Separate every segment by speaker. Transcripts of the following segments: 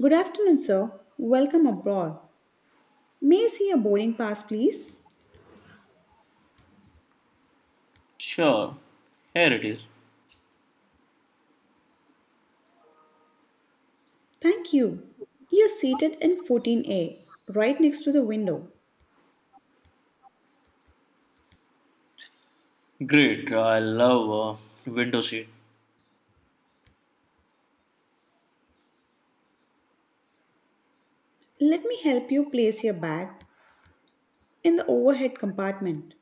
Speaker 1: Good afternoon, sir. Welcome aboard. May I see your boarding pass, please?
Speaker 2: Sure, here it is.
Speaker 1: Thank you. You're seated in 14A, right next to the window.
Speaker 2: Great, I love window seat.
Speaker 1: Let me help you place your bag in the overhead compartment.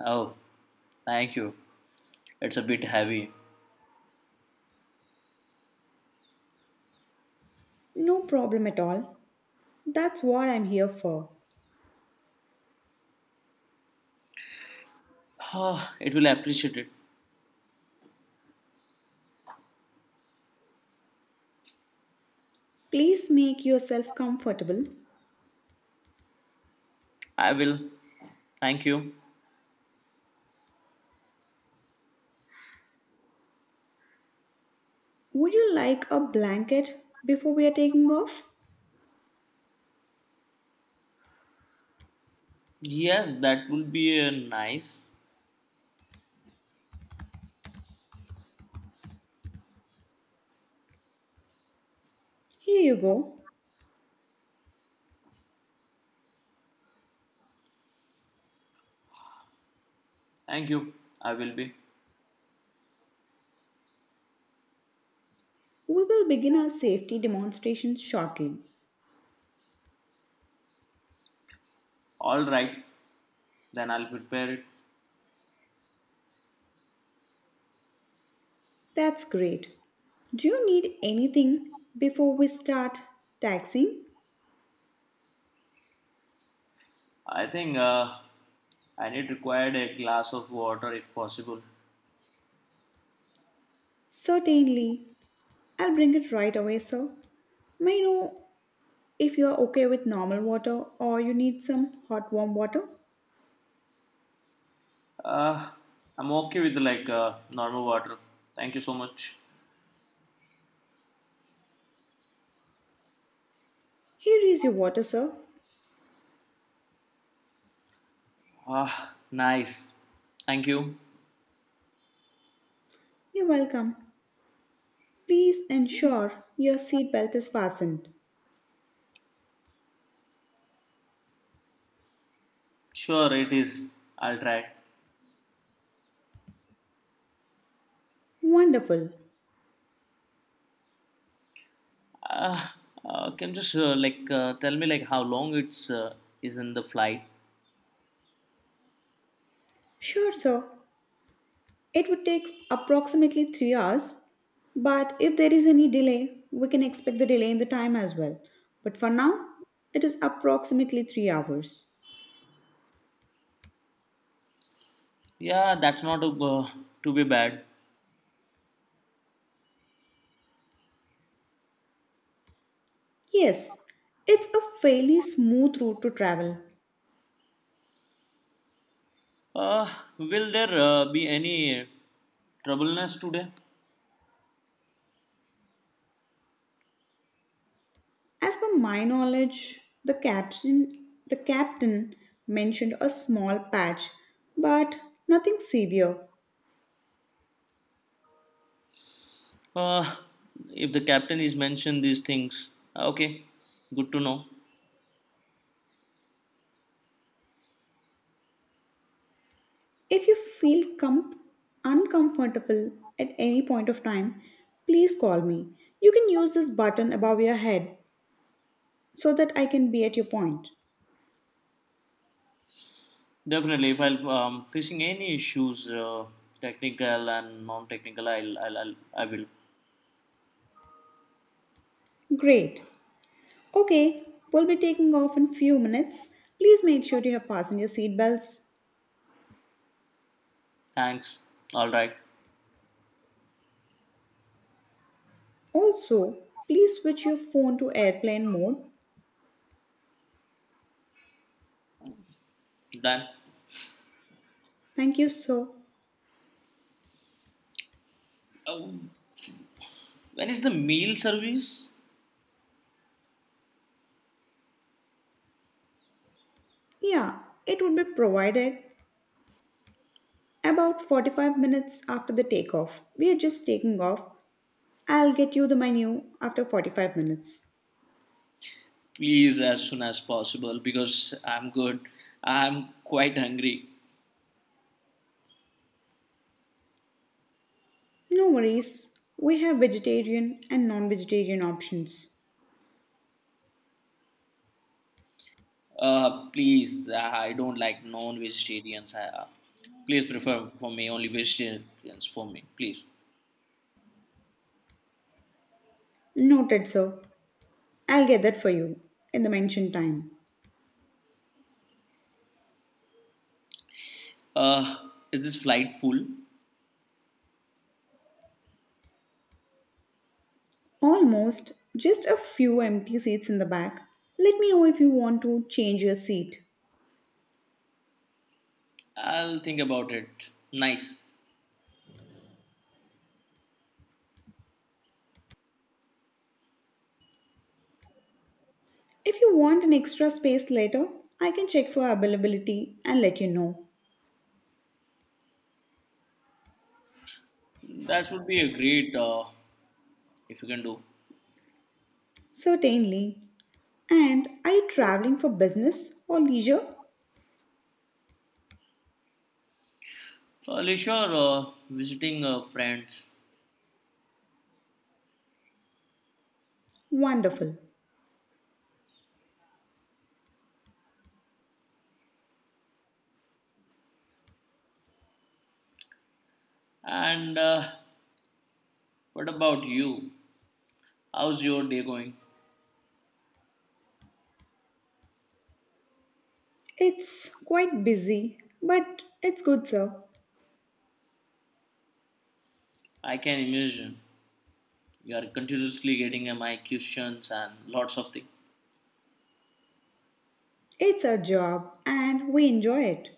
Speaker 2: Oh, thank you. It's a bit heavy.
Speaker 1: No problem at all. That's what I'm here for.
Speaker 2: Ah, it will appreciate it.
Speaker 1: Please make yourself comfortable.
Speaker 2: I will. Thank you.
Speaker 1: Would you like a blanket before we are taking off?
Speaker 2: Yes, that will be nice.
Speaker 1: Here you go.
Speaker 2: Thank you. I will be.
Speaker 1: We will begin our safety demonstration shortly.
Speaker 2: All right, then I'll prepare it.
Speaker 1: That's great. Do you need anything before we start taxing?
Speaker 2: I think and it required a glass of water if possible.
Speaker 1: Certainly. I'll bring it right away, sir. May I know if you are okay with normal water or you need some hot warm water?
Speaker 2: Uh, I'm okay with like normal water. Thank you so much.
Speaker 1: Here is your water, sir.
Speaker 2: Ah, nice. Thank you.
Speaker 1: You're welcome. Please ensure your seat belt is fastened.
Speaker 2: Sure, it is. I'll try.
Speaker 1: Wonderful.
Speaker 2: Uh, can you just like tell me like how long it's is in the flight?
Speaker 1: Sure, sir. It would take approximately 3 hours, but if there is any delay, we can expect the delay in the time as well. But for now, it is approximately 3 hours.
Speaker 2: Yeah, that's not to be bad.
Speaker 1: Yes, it's a fairly smooth route to travel.
Speaker 2: Uh, will there be any troubleness today?
Speaker 1: As per my knowledge, the captain mentioned a small patch, but nothing severe.
Speaker 2: Uh, if the captain is mentioned these things, okay, good to know.
Speaker 1: If you feel uncomfortable at any point of time, please call me. You can use this button above your head so that I can be at your point.
Speaker 2: Definitely, if I'm facing any issues, technical and non-technical, I'll I will.
Speaker 1: Great. Okay, we'll be taking off in few minutes. Please make sure you have passenger seat belts.
Speaker 2: Thanks. All right.
Speaker 1: Also, please switch your phone to airplane mode.
Speaker 2: Done.
Speaker 1: Thank you, sir.
Speaker 2: Oh, when is the meal service?
Speaker 1: Yeah, it would be provided about 45 minutes after the takeoff. We are just taking off. I'll get you the menu after 45 minutes.
Speaker 2: Please, as soon as possible, because I'm good. I'm quite hungry.
Speaker 1: No worries. We have vegetarian and non vegetarian options.
Speaker 2: Please, I don't like non-vegetarians. Please prefer for me only vegetarians for me, please.
Speaker 1: Noted, sir. I'll get that for you in the mentioned time.
Speaker 2: Is this flight full?
Speaker 1: Almost just a few empty seats in the back. Let me know if you want to change your seat.
Speaker 2: I'll think about it. Nice.
Speaker 1: If you want an extra space later, I can check for availability and let you know.
Speaker 2: That would be a great if you can do.
Speaker 1: Certainly. And are you traveling for business or leisure?
Speaker 2: Sure, visiting friends.
Speaker 1: Wonderful.
Speaker 2: And what about you? How's your day going?
Speaker 1: It's quite busy, but it's good, sir.
Speaker 2: I can imagine. You are continuously getting my questions and lots of things.
Speaker 1: It's our job and we enjoy it.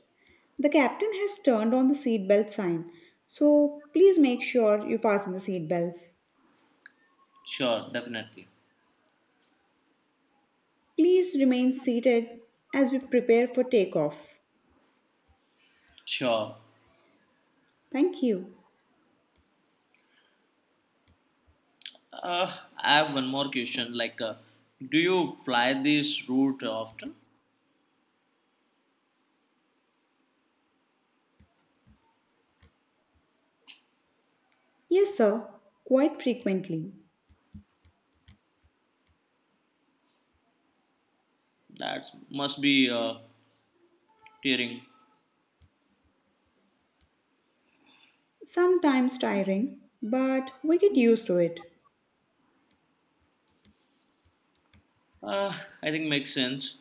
Speaker 1: The captain has turned on the seatbelt sign, so please make sure you fasten the seatbelts.
Speaker 2: Sure, definitely.
Speaker 1: Please remain seated as we prepare for takeoff.
Speaker 2: Sure.
Speaker 1: Thank you.
Speaker 2: uh, I have one more question like do you fly this route often?
Speaker 1: Yes, sir, quite frequently.
Speaker 2: That must be tearing.
Speaker 1: Sometimes tiring, but we get used to it.
Speaker 2: uh, I think makes sense.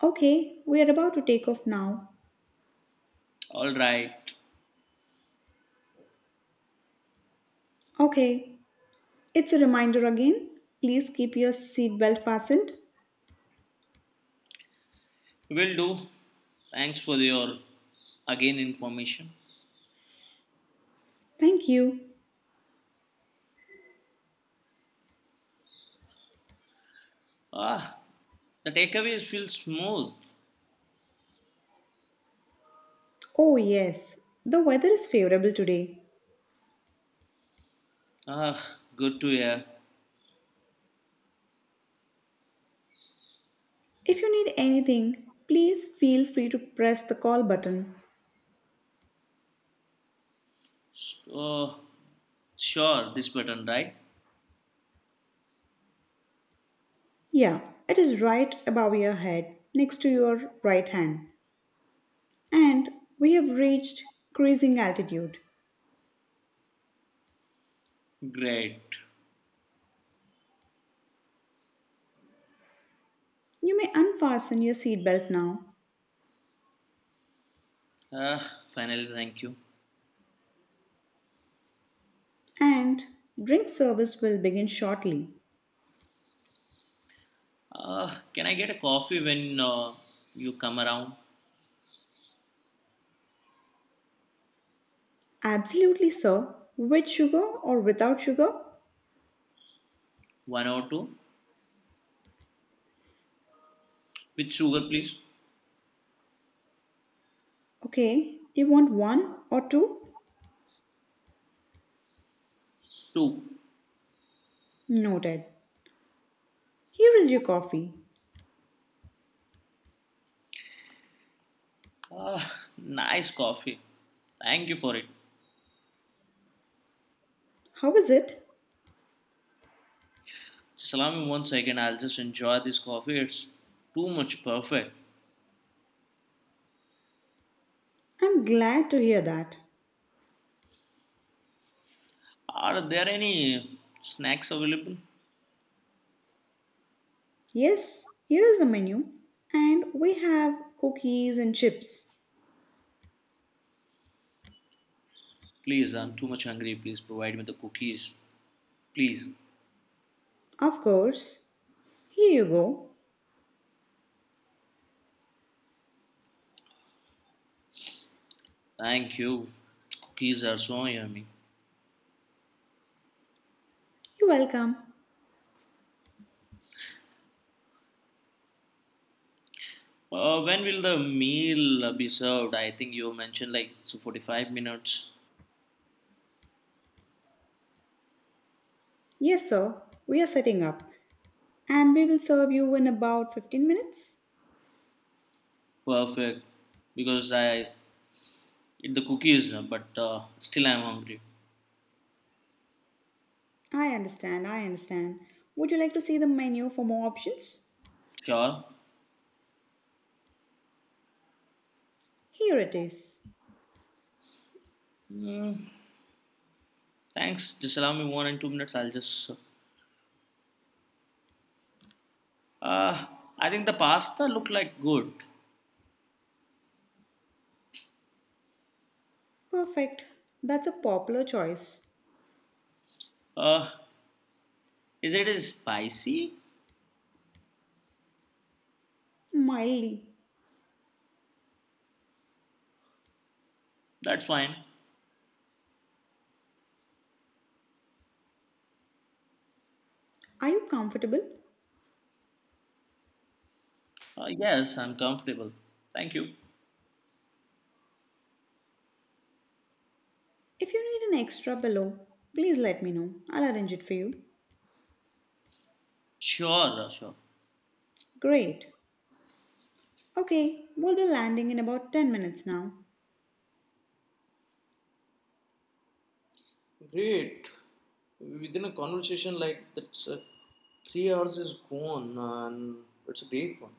Speaker 1: Okay, we are about to take off now.
Speaker 2: All right.
Speaker 1: Okay, it's a reminder again. Please keep your seatbelt fastened.
Speaker 2: Will do. Thanks for your again information.
Speaker 1: Thank you.
Speaker 2: Ah, the takeaways feel smooth.
Speaker 1: Oh, yes, the weather is favorable today.
Speaker 2: Ah, good to hear.
Speaker 1: If you need anything, please feel free to press the call button.
Speaker 2: So, sure, this button, right?
Speaker 1: Yeah, it is right above your head, next to your right hand. And we have reached cruising altitude.
Speaker 2: Great.
Speaker 1: You may unfasten your seatbelt now,
Speaker 2: Uh, finally, thank you.
Speaker 1: and drink service will begin shortly.
Speaker 2: Can I get a coffee when you come around?
Speaker 1: Absolutely, sir. With sugar or without sugar?
Speaker 2: One or two? With sugar, please.
Speaker 1: Okay, do you want one or two?
Speaker 2: Two.
Speaker 1: Noted. Here is your coffee.
Speaker 2: Uh, nice coffee. Thank you for it.
Speaker 1: How is it?
Speaker 2: Just allow me 1 second. I'll just enjoy this coffee. It's too much perfect.
Speaker 1: I'm glad to hear that.
Speaker 2: Are there any snacks available?
Speaker 1: Yes, here is the menu. And we have cookies and chips.
Speaker 2: Please, I'm too much hungry. Please provide me the cookies. Please.
Speaker 1: Of course. Here you go.
Speaker 2: Thank you. Cookies are so yummy.
Speaker 1: You're welcome.
Speaker 2: When will the meal be served? I think you mentioned like so 45 minutes.
Speaker 1: Yes, sir. We are setting up. And we will serve you in about 15 minutes.
Speaker 2: Perfect. Because I eat the cookies, but still I'm hungry.
Speaker 1: I understand, I understand. Would you like to see the menu for more options?
Speaker 2: Sure.
Speaker 1: Here it is.
Speaker 2: Mm, thanks. Just allow me 1 and 2 minutes. I'll just. Uh, I think the pasta look like good.
Speaker 1: Perfect. That's a popular choice.
Speaker 2: Uh, is it spicy?
Speaker 1: Mildly.
Speaker 2: That's fine.
Speaker 1: Are you comfortable?
Speaker 2: Yes, I'm comfortable. Thank you.
Speaker 1: If you need an extra pillow, please let me know. I'll arrange it for you.
Speaker 2: Sure.
Speaker 1: Great. Okay, we'll be landing in about 10 minutes now.
Speaker 2: Great. Within a conversation like that, 3 hours is gone, and it's a great one.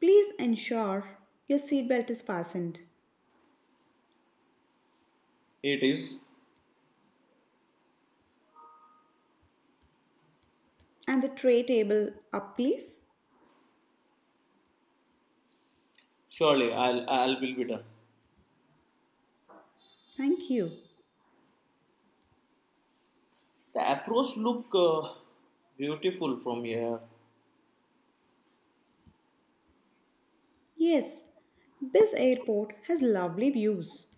Speaker 1: Please ensure your seatbelt is fastened
Speaker 2: It is.
Speaker 1: and the tray table up, please.
Speaker 2: Surely, I'll will be done.
Speaker 1: Thank you.
Speaker 2: The approach look beautiful from here.
Speaker 1: Yes, this airport has lovely views.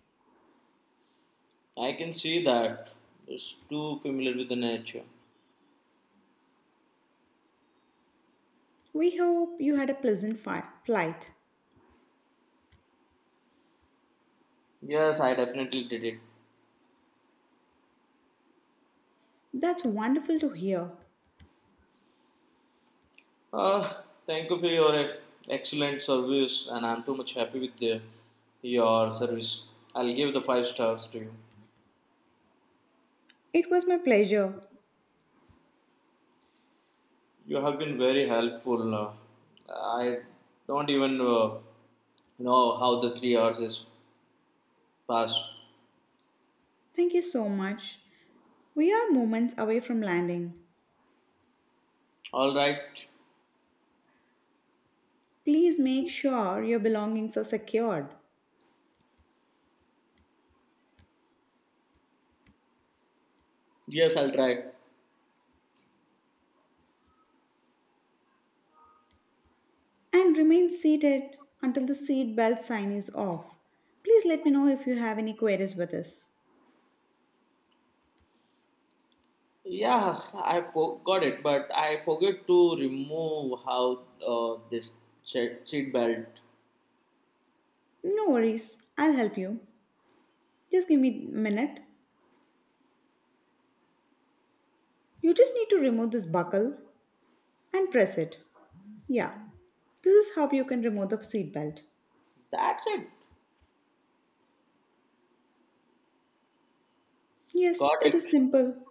Speaker 2: I can see that. It's too familiar with the nature.
Speaker 1: We hope you had a pleasant flight.
Speaker 2: Yes, I definitely did it.
Speaker 1: That's wonderful to hear.
Speaker 2: Thank you for your excellent service, and I'm too much happy with the, your service. I'll give the 5 stars to you.
Speaker 1: It was my pleasure.
Speaker 2: You have been very helpful. I don't even know how the 3 hours is passed.
Speaker 1: Thank you so much. We are moments away from landing.
Speaker 2: All right.
Speaker 1: Please make sure your belongings are secured
Speaker 2: Yes, I'll try.
Speaker 1: and remain seated until the seat belt sign is off. Please let me know if you have any queries with this.
Speaker 2: Yeah, I forgot it, but I forgot to remove how this seat belt.
Speaker 1: No worries, I'll help you. Just give me a minute. You just need to remove this buckle and press it. Yeah, this is how you can remove the seat belt.
Speaker 2: That's it.
Speaker 1: Yes,
Speaker 2: Got
Speaker 1: it is
Speaker 2: it.
Speaker 1: simple.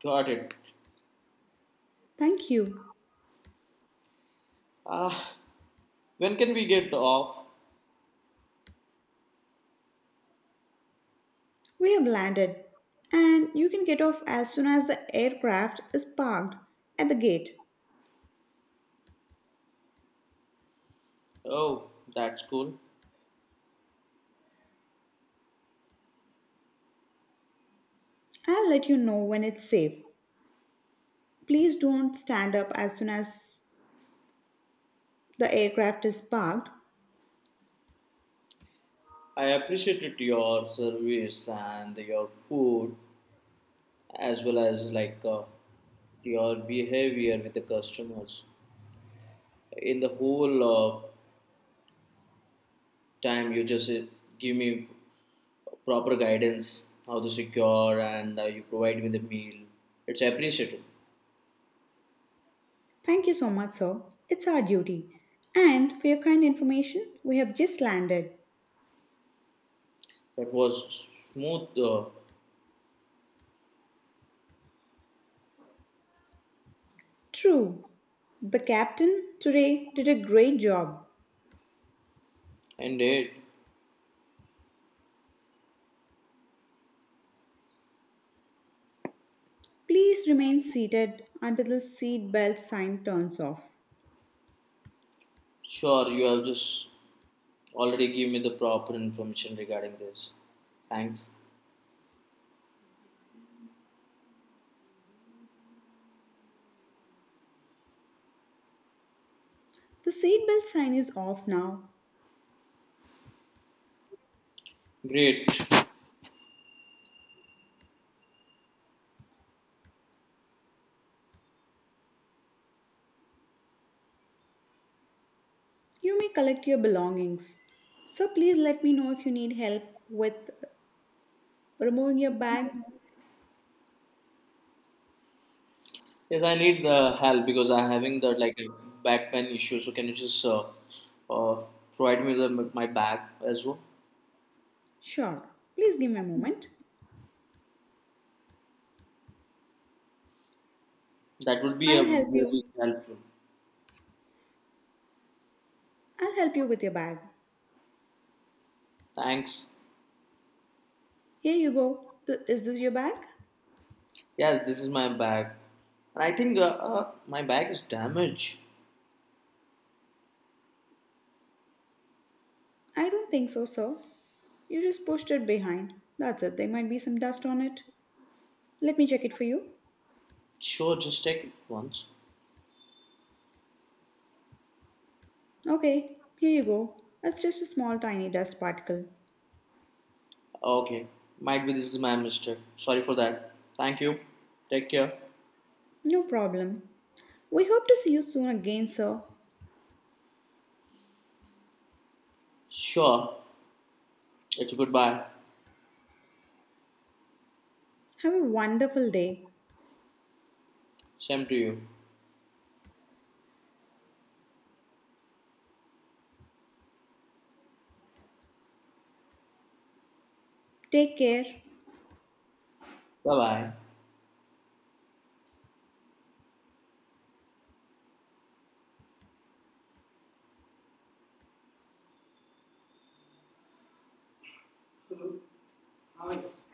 Speaker 2: Got it.
Speaker 1: Thank you.
Speaker 2: Ah, when can we get off?
Speaker 1: We have landed and you can get off as soon as the aircraft is parked at the gate.
Speaker 2: Oh, that's cool.
Speaker 1: I'll let you know when it's safe. Please don't stand up as soon as the aircraft is parked.
Speaker 2: I appreciated your service and your food, as well as like your behavior with the customers in the whole time. You just give me proper guidance how to secure, and you provide me the meal. It's appreciated.
Speaker 1: Thank you so much, sir. It's our duty. And for your kind information, we have just landed.
Speaker 2: That was smooth,
Speaker 1: True. The captain today did a great job.
Speaker 2: and it.
Speaker 1: Please remain seated until the seat belt sign turns off.
Speaker 2: Sure, you have just already given me the proper information regarding this. Thanks.
Speaker 1: The seat belt sign is off now.
Speaker 2: Great.
Speaker 1: You may collect your belongings. Sir, please let me know if you need help with removing your bag.
Speaker 2: Yes, I need the help because I'm having the like back pain issue. So can you just uh, provide me the, my bag as well?
Speaker 1: Sure. Please give me a moment.
Speaker 2: That would be a
Speaker 1: I'll help
Speaker 2: very
Speaker 1: you.
Speaker 2: helpful.
Speaker 1: I'll help you with your bag.
Speaker 2: Thanks.
Speaker 1: Here you go. Is this your bag?
Speaker 2: Yes, this is my bag, and I think my bag is damaged.
Speaker 1: I don't think so, sir. You just pushed it behind. That's it. There might be some dust on it. Let me check it for you.
Speaker 2: Sure, just take it once.
Speaker 1: Okay, here you go. It's just a small tiny dust particle.
Speaker 2: Okay, might be this is my mistake. Sorry for that. Thank you. Take care.
Speaker 1: No problem. We hope to see you soon again, sir.
Speaker 2: Sure. It's a goodbye.
Speaker 1: Have a wonderful day.
Speaker 2: Same to you.
Speaker 1: Take care.
Speaker 2: Bye bye.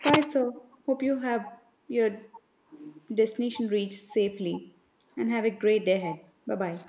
Speaker 1: Bye, sir. Hope you have your destination reached safely and have a great day ahead. Bye bye.